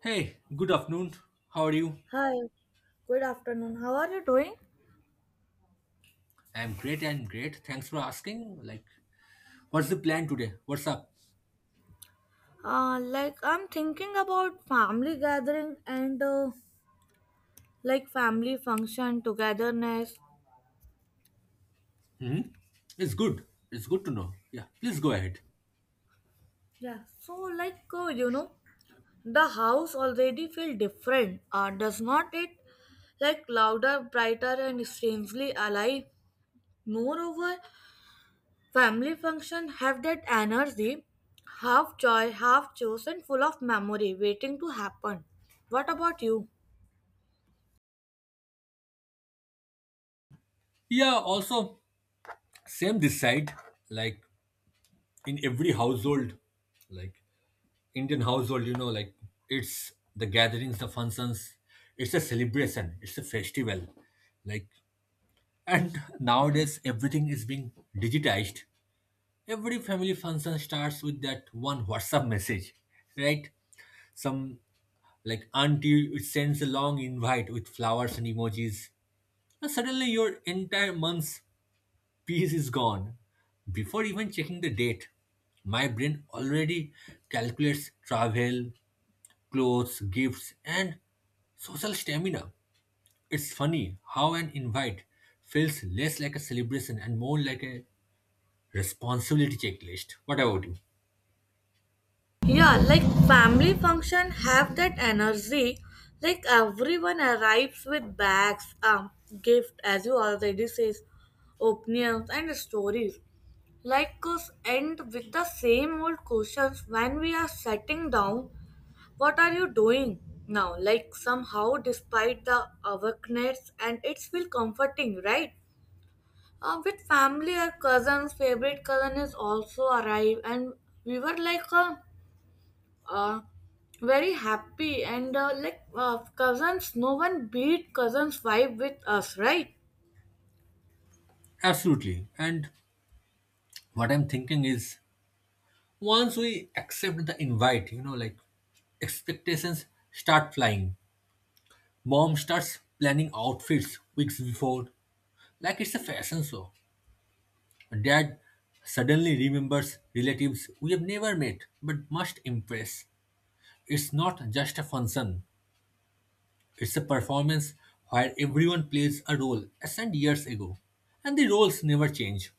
Hey, good afternoon. How are you? Hi, good afternoon. How are you doing? I'm great. Thanks for asking. Like, what's the plan today? What's up? Like I'm thinking about family gathering and family function togetherness. Hmm? It's good. It's good to know. Yeah, please go ahead. Yeah. So the house already feel different. Does not it? Like louder, brighter, and strangely alive. Moreover, family function have that energy, half joy, half chosen, full of memory, waiting to happen. What about you? Yeah, also, same this side. Like, in every household, like Indian household, you know, like it's the gatherings, the functions, it's a celebration, it's a festival. Like, and nowadays everything is being digitized. Every family function starts with that one WhatsApp message, right? Some like auntie sends a long invite with flowers and emojis. And suddenly your entire month's peace is gone. Before even checking the date, my brain already calculates travel, clothes, gifts, and social stamina. It's funny how an invite feels less like a celebration and more like a responsibility checklist. What about you? Yeah, like family function have that energy. Like everyone arrives with bags, gift as you already says, opinions and stories. Like us end with the same old questions when we are sitting down. What are you doing now? Like somehow, despite the awakeness, and it's feel comforting, right? With family or cousins, favorite cousin is also arrive, and we were like a uh, very happy and cousins, no one beat cousins vibe with us, right? Absolutely. And what I'm thinking is once we accept the invite, you know, like expectations start flying. Mom starts planning outfits weeks before, like it's a fashion show. Dad suddenly remembers relatives we have never met but must impress. It's not just a function, it's a performance where everyone plays a role as and years ago, and the roles never change.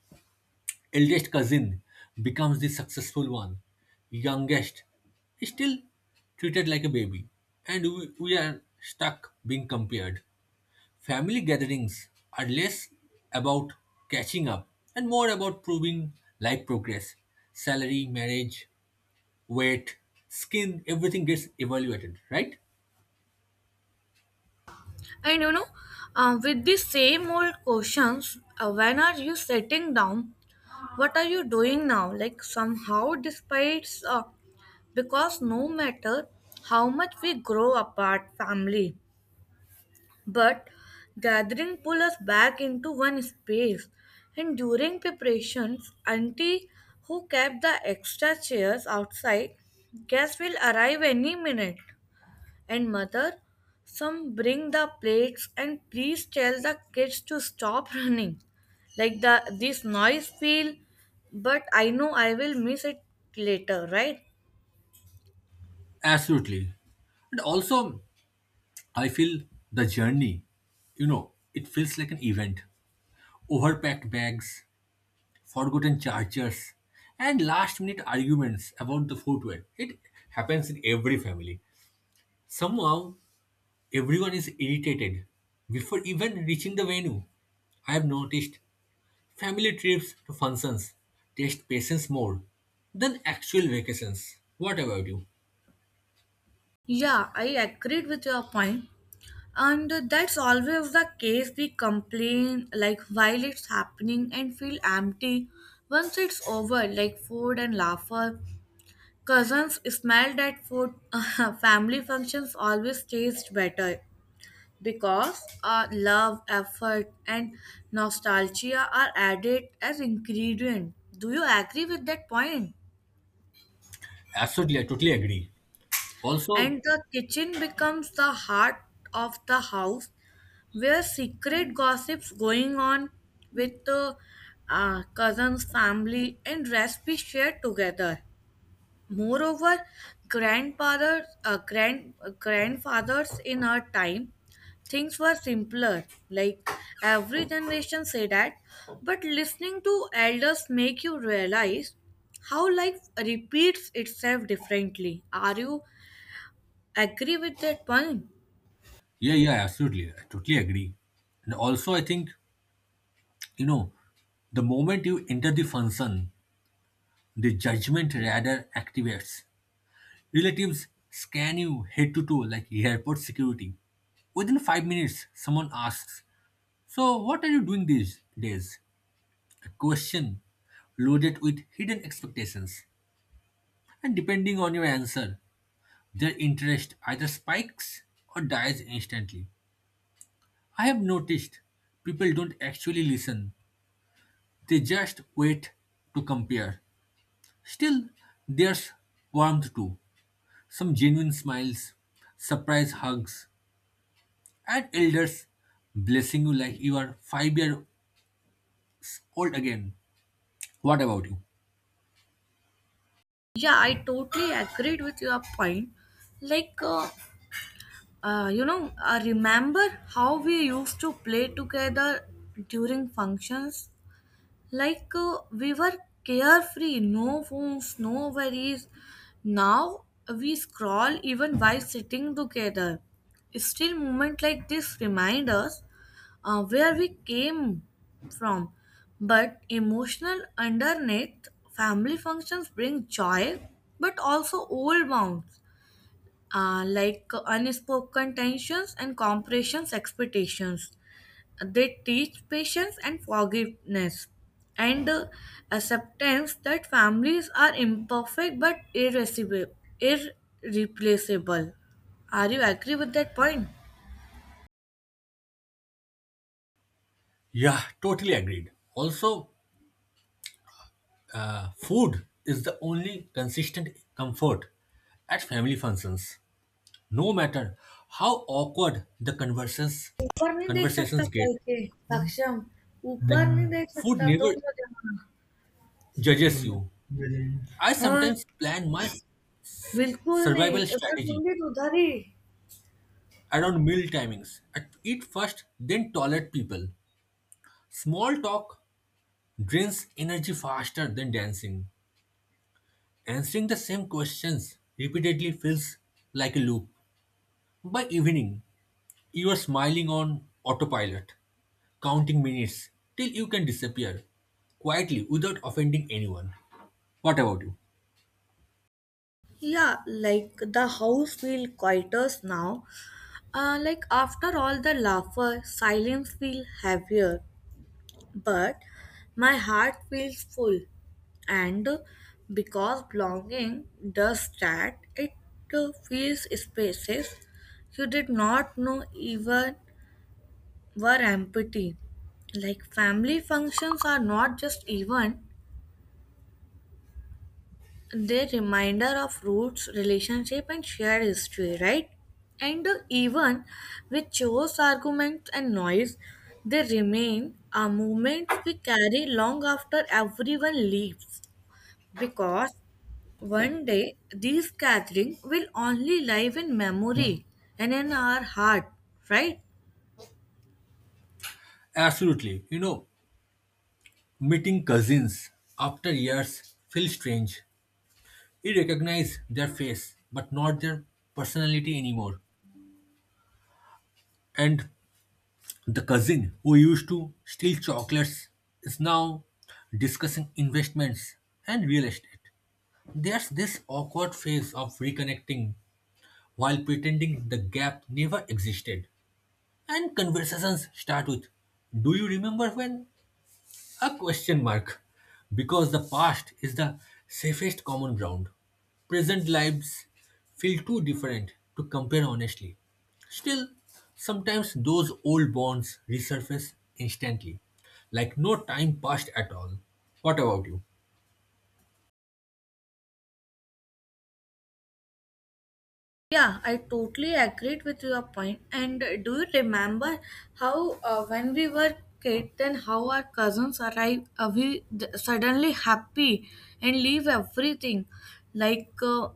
Eldest cousin becomes the successful one. Youngest is still treated like a baby. And we are stuck being compared. Family gatherings are less about catching up and more about proving life progress. Salary, marriage, weight, skin, everything gets evaluated, right? And with the same old questions, when are you sitting down, what are you doing now, like somehow despite because no matter how much we grow apart, family. But gathering pull us back into one space. And during preparations, auntie who kept the extra chairs outside, guests will arrive any minute. And mother, some bring the plates and please tell the kids to stop running. Like the this noise feel, but I know I will miss it later, right? Absolutely. And also, I feel the journey, you know, it feels like an event. Overpacked bags, forgotten chargers, and last minute arguments about the footwear. It happens in every family. Somehow, everyone is irritated before even reaching the venue. I have noticed family trips to functions test patience more than actual vacations. What about you? Yeah, I agreed with your point. And that's always the case. We complain like while it's happening and feel empty once it's over, like food and laughter. Cousins smell that food. Family functions always taste better because love, effort, and nostalgia are added as ingredient. Do you agree with that point? Absolutely, I totally agree. Also, And the kitchen becomes the heart of the house where secret gossips going on with the cousins, family, and recipes shared together. Moreover, grandfathers, grandfathers in our time, things were simpler. Like every generation say that, but listening to elders make you realize how life repeats itself differently. Are you agree with that point? yeah, yeah, absolutely, I totally agree. And also, I think, you know, the moment you enter the function, the judgment radar activates. Relatives scan you head to toe like airport security. Within 5 minutes, someone asks, so, what are you doing these days? A question loaded with hidden expectations. And depending on your answer, their interest either spikes or dies instantly. I have noticed people don't actually listen, they just wait to compare. Still, there's warmth too. Some genuine smiles, surprise hugs, and elders blessing you like you are 5-year old again. What about you? Yeah, I totally agreed with your point. Like, uh, I remember how we used to play together during functions. Like we were carefree, no phones, no worries. Now we scroll even while sitting together. Still, moment like this remind us where we came from. But emotional underneath, family functions bring joy, but also old wounds, like unspoken tensions and compressions expectations. They teach patience and forgiveness and acceptance that families are imperfect but irresistible, irreplaceable. Are you agree with that point? Yeah, totally agreed. Also, food is the only consistent comfort at family functions. No matter how awkward the conversations ऊपर नहीं देख सकता conversations get, कल के सक्षम. like ऊपर नहीं देख food सकता never तुम तो जहाँ. judges you. I हाँ, sometimes plan my बिल्कुल नहीं survival इधर strategy होंगे तो उधर ही. around meal timings. I eat first, then tolerate people. Small talk drains energy faster than dancing. Answering the same questions repeatedly feels like a loop. By evening, you are smiling on autopilot, counting minutes till you can disappear quietly without offending anyone. What about you? Yeah like the house feel quieter now, like after all the laughter, silence feel heavier, but my heart feels full, and because belonging does that, it fills spaces you did not know even were empty. Like family functions are not just event, they are reminder of roots, relationship and shared history, right? And even with chores, arguments and noise, they remain are moments we carry long after everyone leaves. Because one day these gatherings will only live in memory and in our heart, right? Absolutely. You know, meeting cousins after years feels strange. You recognize their face, but not their personality anymore. And the cousin who used to steal chocolates is now discussing investments and real estate. There's this awkward phase of reconnecting while pretending the gap never existed. And conversations start with, do you remember when? A question mark. Because the past is the safest common ground. Present lives feel too different to compare honestly. Still, sometimes those old bonds resurface instantly, like no time passed at all. What about you? Yeah, I totally agreed with your point. And do you remember how when we were kids, then how our cousins arrive, suddenly happy and leave everything, like uh,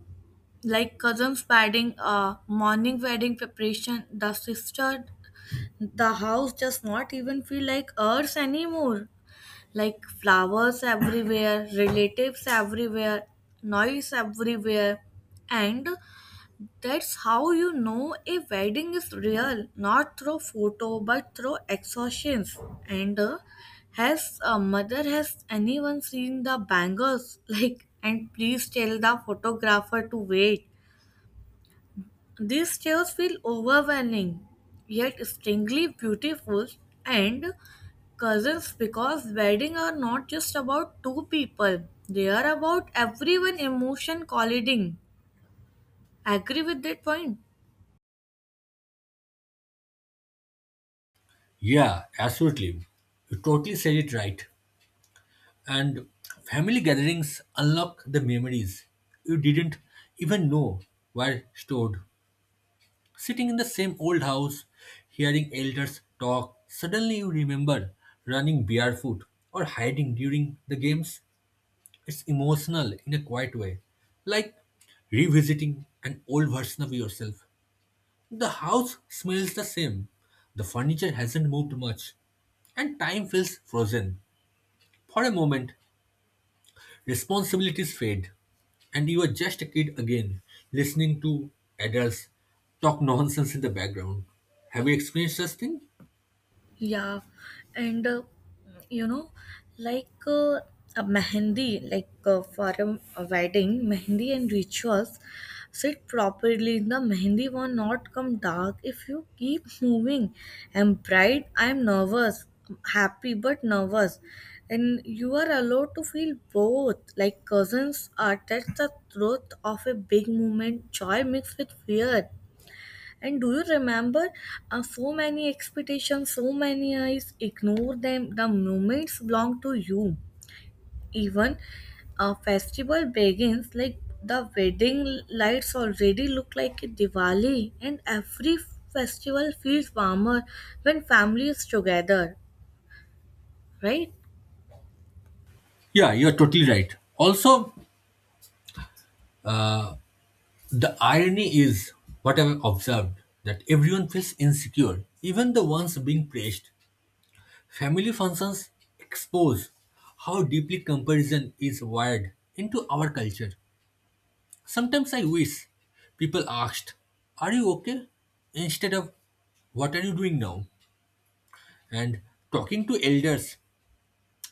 like cousins wedding, morning wedding preparation, the sister, the house just not even feel like ours anymore. Like flowers everywhere, relatives everywhere, noise everywhere. And that's how you know a wedding is real, not through photo but through exhaustions. And has mother, has anyone seen the bangles? Like, and please tell the photographer to wait. These tales feel overwhelming, yet strangely beautiful, and cousins, because weddings are not just about two people, they are about everyone emotion colliding. Agree with that point? Yeah, absolutely. You totally said it right. And family gatherings unlock the memories you didn't even know were stored. Sitting in the same old house, hearing elders talk, suddenly you remember running barefoot or hiding during the games. It's emotional in a quiet way, like revisiting an old version of yourself. The house smells the same, the furniture hasn't moved much, and time feels frozen. For a moment, responsibilities fade, and you are just a kid again, listening to adults talk nonsense in the background. Have you experienced such thing? Yeah, and you know, like uh, a mehendi, for a wedding, mehendi and rituals sit properly. The mehendi will not come dark if you keep moving. I'm bright, I'm nervous, happy but nervous, and you are allowed to feel both. Like cousins are that's the truth of a big moment, joy mixed with fear. And do you remember, so many expectations, so many eyes? Ignore them. The moments belong to you. Even a festival begins like the wedding lights already look like a Diwali, and every festival feels warmer when family is together, right? Yeah, you're totally right. Also, the irony is what I've observed that everyone feels insecure, even the ones being praised. Family functions expose how deeply comparison is wired into our culture. Sometimes I wish people asked, are you okay? instead of, what are you doing now? And talking to elders,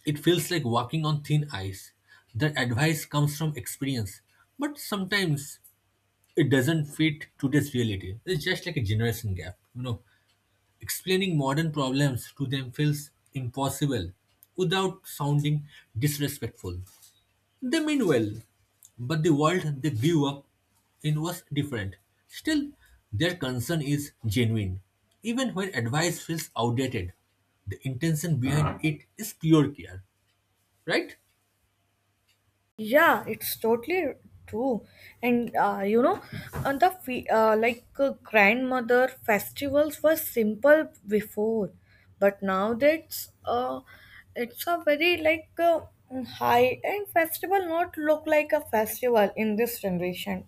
it feels like walking on thin ice. Their advice comes from experience, but sometimes it doesn't fit today's reality. It's just like a generation gap. You know, explaining modern problems to them feels impossible without sounding disrespectful. They mean well, but the world they grew up in was different. Still, their concern is genuine. Even when advice feels outdated, the intention behind it is pure care, right? Yeah, it's totally true. And you know, and the fe- like grandmother festivals were simple before, but now that's it's a very high end festival. Not look like a festival in this generation,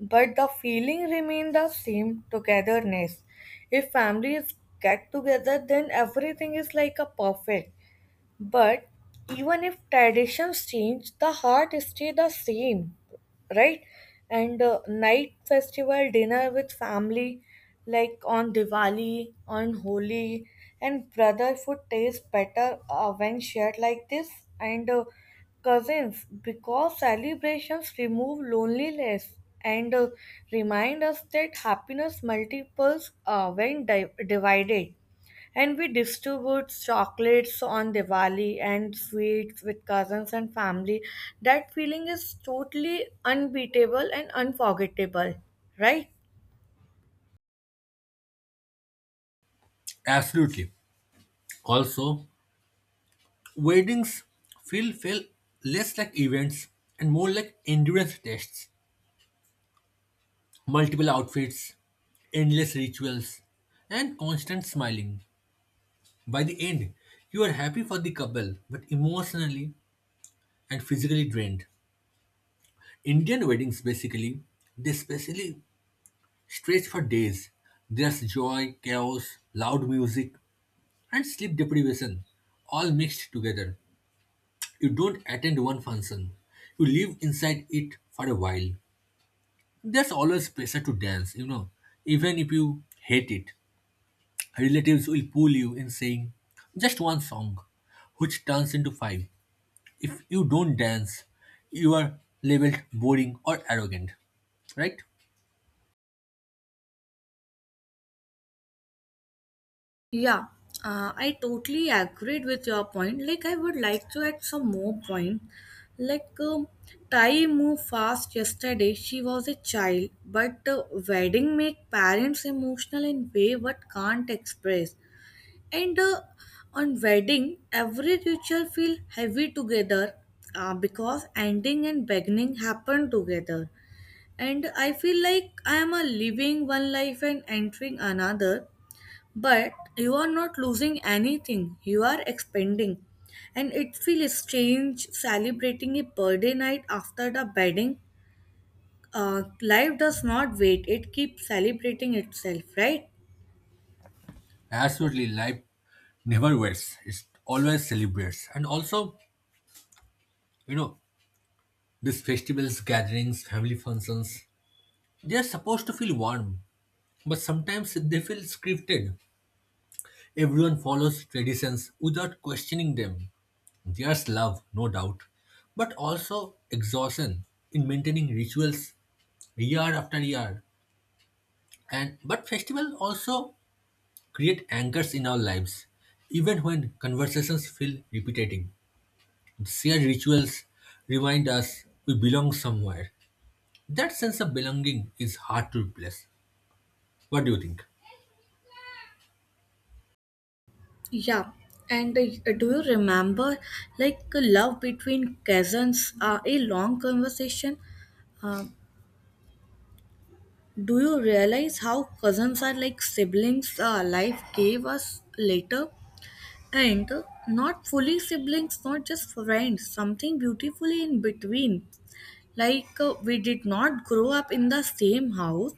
but the feeling remain the same togetherness. If families get together, then everything is like a perfect. But even if traditions change, the heart stay the same, right? And night festival dinner with family, like on Diwali, on Holi, and brotherhood tastes better when shared like this. And cousins, because celebrations remove loneliness and remind us that happiness multiples when divided. And we distribute chocolates on Diwali and sweets with cousins and family. That feeling is totally unbeatable and unforgettable, right? Absolutely. Also, weddings feel less like events and more like endurance tests. Multiple outfits, endless rituals, and constant smiling. By the end, you are happy for the couple, but emotionally and physically drained. Indian weddings basically, they specially stretch for days. There's joy, chaos, loud music, and sleep deprivation all mixed together. You don't attend one function, you live inside it for a while. There's always pressure to dance, you know, even if you hate it. Relatives will pull you in saying just one song, which turns into five. If you don't dance, you are labeled boring or arrogant, right? Yeah, I totally agreed with your point. Like, I would like to add some more point. Like, um, time moved fast yesterday. She was a child, but wedding make parents emotional in way what can't express. And on wedding, every ritual feel heavy together because ending and beginning happen together. And I feel like I am a living one life and entering another, but you are not losing anything. You are expanding, and it feels strange celebrating a birthday night after the wedding. Life does not wait; it keeps celebrating itself, right? Absolutely, life never waits. It always celebrates. And also, you know, these festivals, gatherings, family functions, they are supposed to feel warm, but sometimes they feel scripted. Everyone follows traditions without questioning them. There's love, no doubt, but also exhaustion in maintaining rituals year after year. And but festival also create anchors in our lives. Even when conversations feel repetitive, shared rituals remind us we belong somewhere. That sense of belonging is hard to replace. What do you think? Yeah, and do you remember like a love between cousins? A long conversation. Uh, do you realize how cousins are like siblings? Life gave us later, and not fully siblings, not just friends. Something beautifully in between. Like we did not grow up in the same house,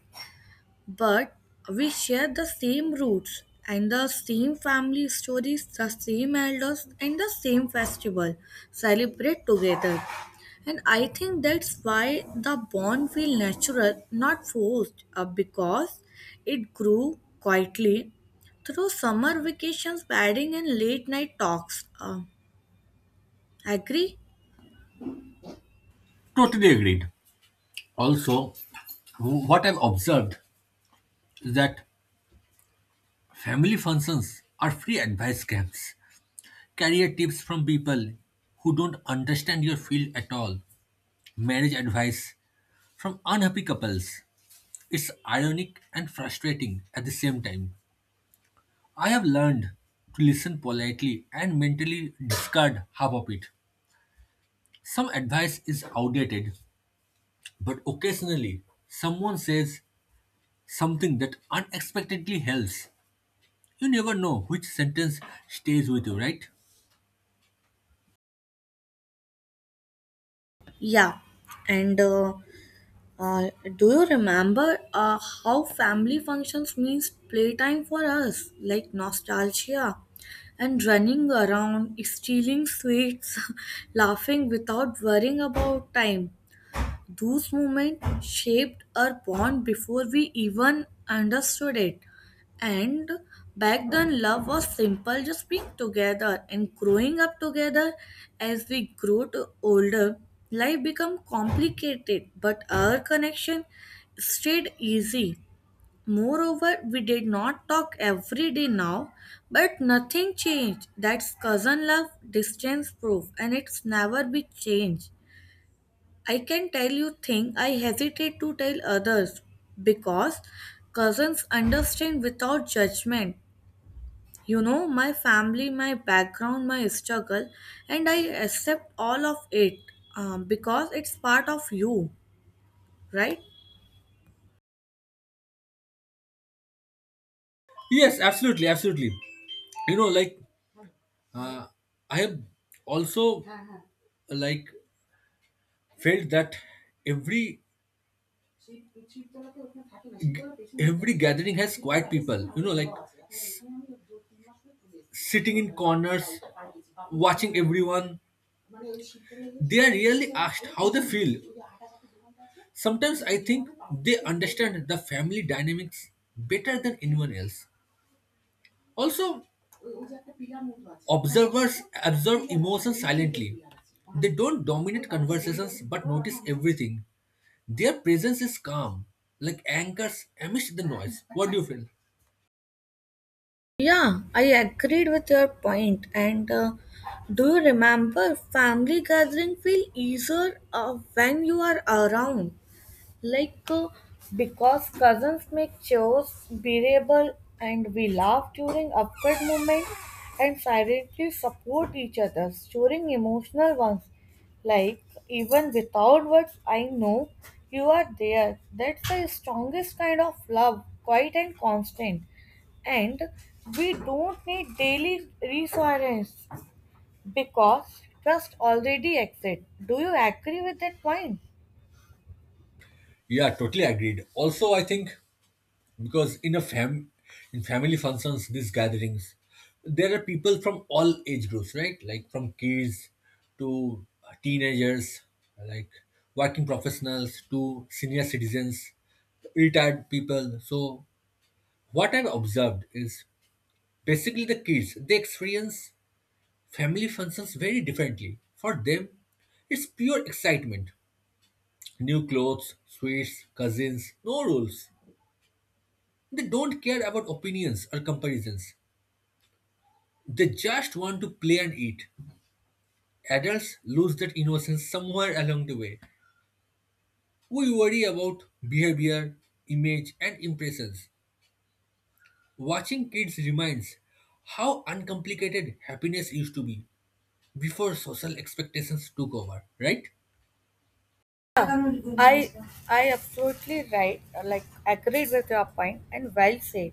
but we share the same roots and the same family stories, the same elders, and the same festival celebrate together. And I think that's why the bond feel natural, not forced, because it grew quietly through summer vacations, padding, and late night talks. Agree? Totally agreed. Also, what I've observed is that family functions are free advice camps. Career tips from people who don't understand your field at all. Marriage advice from unhappy couples. It's ironic and frustrating at the same time. I have learned to listen politely and mentally discard half of it. Some advice is outdated, but occasionally someone says something that unexpectedly helps. You never know which sentence stays with you, right? Yeah. And Uh, do you remember how family functions means playtime for us, like nostalgia and running around, stealing sweets, laughing without worrying about time? Those moments shaped our bond before we even understood it. And back then, love was simple, just being together and growing up together. As we grow to older, life become complicated, but our connection stayed easy. Moreover, we did not talk every day now, but nothing changed. That's cousin love, distance proof, and it's never be changed. I can tell you thing I hesitate to tell others because cousins understand without judgment. You know my family, my background, my struggle, and I accept all of it, because it's part of you, right? Yes, absolutely, absolutely. You know, like uh, I have also like felt that every every gathering has quiet people, you know, like s- sitting in corners watching everyone. They are really asked how they feel. Sometimes I think they understand the family dynamics better than anyone else. Also, observers observe emotions silently. They don't dominate conversations but notice everything. Their presence is calm, like anchors amidst the noise. What do you feel? Yeah, I agreed with your point. And do you remember family gathering feel easier when you are around? Like, uh, because cousins make chores bearable and we laugh during awkward moments and silently support each other during emotional ones. Like, even without words, I know you are there. That's the strongest kind of love, quiet and constant, and we don't need daily reassurance because trust already exists. Do you agree with that point? Yeah, totally agreed. Also, I think because in family functions, these gatherings, there are people from all age groups, right? Like from kids to teenagers, like working professionals to senior citizens, retired people. So, what I've observed is basically the kids they experience family functions very differently. For them, it's pure excitement. New clothes, sweets, cousins, no rules. They don't care about opinions or comparisons. They just want to play and eat. Adults lose that innocence somewhere along the way. We worry about behavior, image, and impressions. Watching kids reminds how uncomplicated happiness used to be before social expectations took over, right? I I absolutely right, like agreed with your point and well said.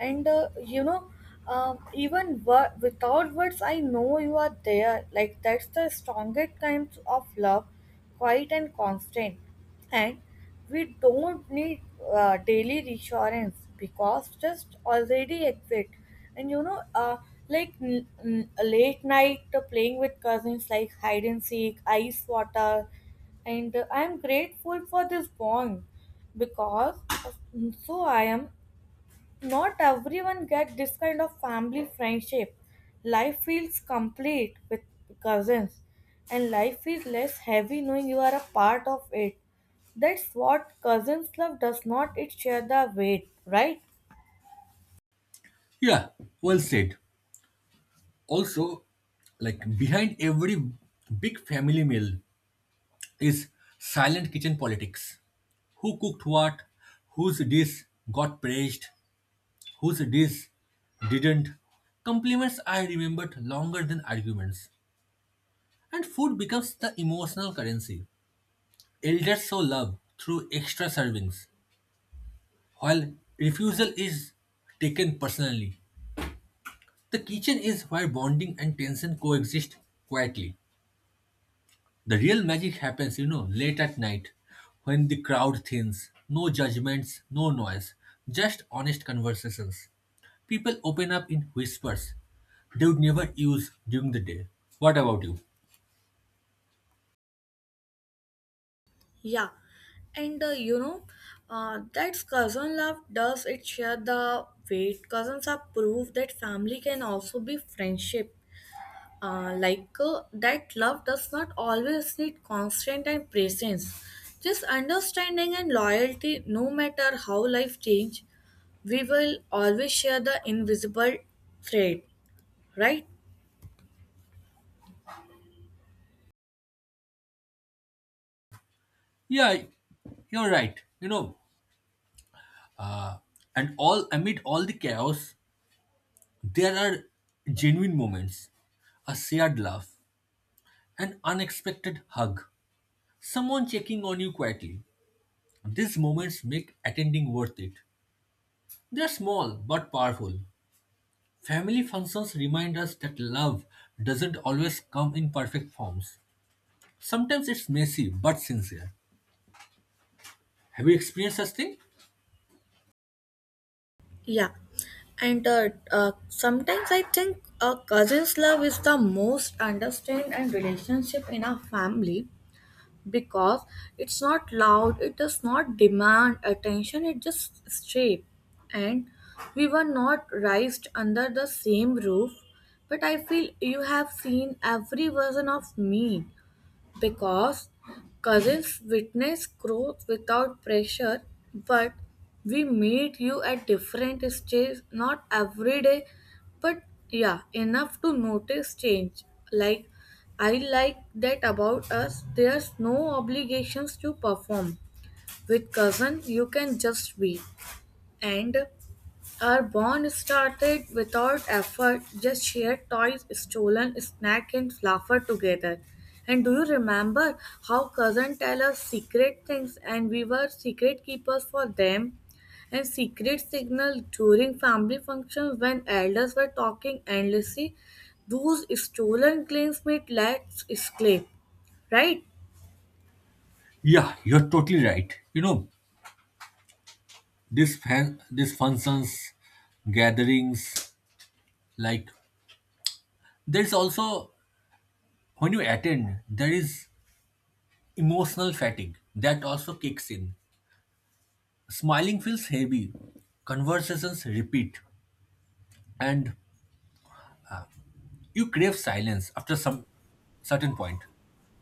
And even without words, I know you are there, like that's the strongest kind of love, quiet and constant, and we don't need daily reassurance because just already exist. And you know, like late night playing with cousins like hide and seek, ice water, and I'm grateful for this bond because so I am not everyone gets this kind of family friendship. Life feels complete with cousins, and life feels less heavy knowing you are a part of it. That's what cousins love does, not it share the weight, right? Yeah, well said. Also, like behind every big family meal is silent kitchen politics. Who cooked what? Whose dish got praised? Whose dish didn't? Compliments I remembered longer than arguments. And food becomes the emotional currency. Elders show love through extra servings, while refusal is taken personally. The kitchen is where bonding and tension coexist quietly. The real magic happens, you know, late at night when the crowd thins. No judgments, no noise, just honest conversations. People open up in whispers they would never use during the day. What about you? Yeah, and that cousin love does it share the weight. Cousins are proof that family can also be friendship. That love does not always need constant and presence, just understanding and loyalty. No matter how life change, we will always share the invisible thread, right? Yeah, you're right. You know, and all amid all the chaos, there are genuine moments, a shared laugh, an unexpected hug, someone checking on you quietly. These moments make attending worth it. They're small but powerful. Family functions remind us that love doesn't always come in perfect forms. Sometimes it's messy but sincere. Have you experienced such thing? Yeah, and sometimes I think a cousin's love is the most understand and relationship in our family because it's not loud, it does not demand attention, it just straight. And we were not raised under the same roof, but I feel you have seen every version of me because cousins witness growth without pressure, but we meet you at different stages, not every day, but yeah, enough to notice change. Like, I like that about us, there's no obligations to perform. With cousin, you can just be. And our bond started without effort, just shared toys, stolen snack and laughter together. And do you remember how cousin tell us secret things and we were secret keepers for them? And secret signal during family functions when elders were talking endlessly. Those stolen claims made let's escape, right? Yeah, you're totally right. You know, this functions, gatherings, like there's also when you attend, there is emotional fatigue that also kicks in. Smiling feels heavy, conversations repeat, and you crave silence after some certain point.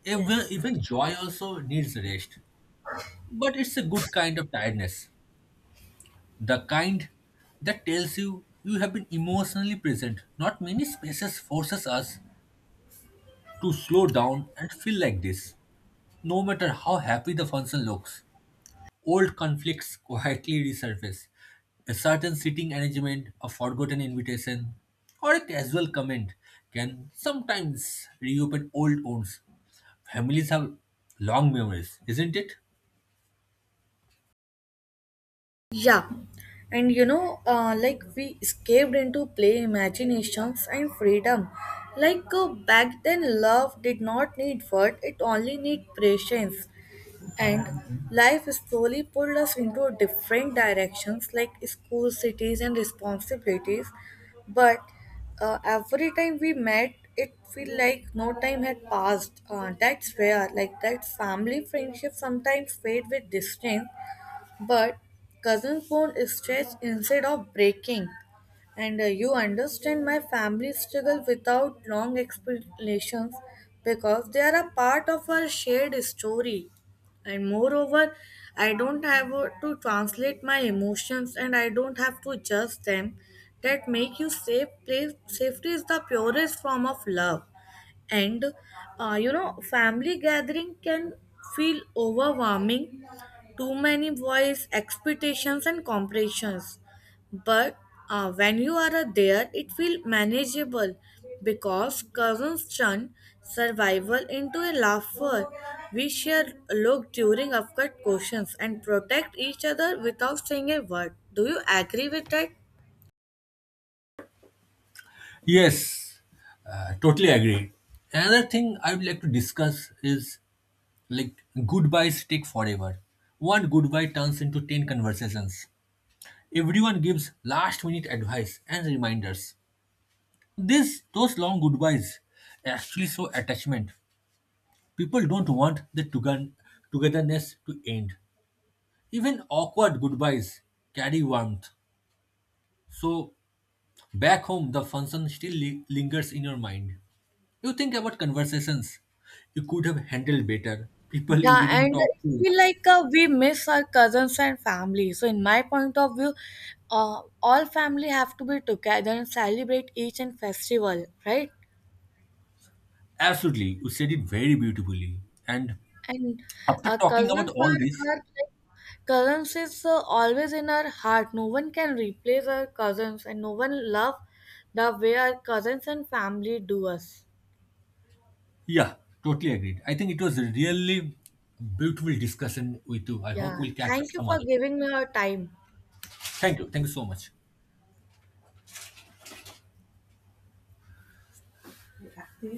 Even, Yes. even joy also needs rest. But it's a good kind of tiredness. The kind that tells you you have been emotionally present. Not many spaces forces us to slow down and feel like this. No matter how happy the function looks, old conflicts quietly resurface. A certain sitting arrangement, a forgotten invitation, or a casual comment can sometimes reopen old wounds. Families have long memories, isn't it? Yeah, and you know, like we escaped into play, imaginations and freedom. Like back then, love did not need words, it only need patience. And life slowly pulled us into different directions like school, cities, and responsibilities. But every time we met, it feel like no time had passed. That's rare. Like that family friendship sometimes fade with distance, but cousins bond stretch instead of breaking, and you understand my family struggle without long explanations because they are a part of our shared story. And moreover, I don't have to translate my emotions and I don't have to judge them. That make you safe place. Safety is the purest form of love. And you know, family gathering can feel overwhelming, too many voice expectations and comparisons, but when you are there it feels manageable because cousins turn survival into a laughter. We share look during awkward questions and protect each other without saying a word. Do you agree with that? Yes, totally agree. Another thing I would like to discuss is like goodbyes take forever. One goodbye turns into 10 conversations. Everyone gives last minute advice and reminders. This those long goodbyes actually show attachment. People don't want the togetherness to end. Even awkward goodbyes carry warmth. So back home the function still lingers in your mind. You think about conversations you could have handled better, people you Yeah, didn't and talk I to feel enough. like we miss our cousins and family. So, in my point of view, all family have to be together and celebrate each and festival, right? Absolutely, you said it very beautifully. And And after talking about cousins are, all this, are like cousins is always in our heart. No one can replace our cousins, and no one love the way our cousins and family do us. yeah, totally agreed. I think it was really a beautiful discussion with you. I hope Yeah, we'll catch up thank you some for other time. giving me your time. Thank you. Thank you so much. Yes.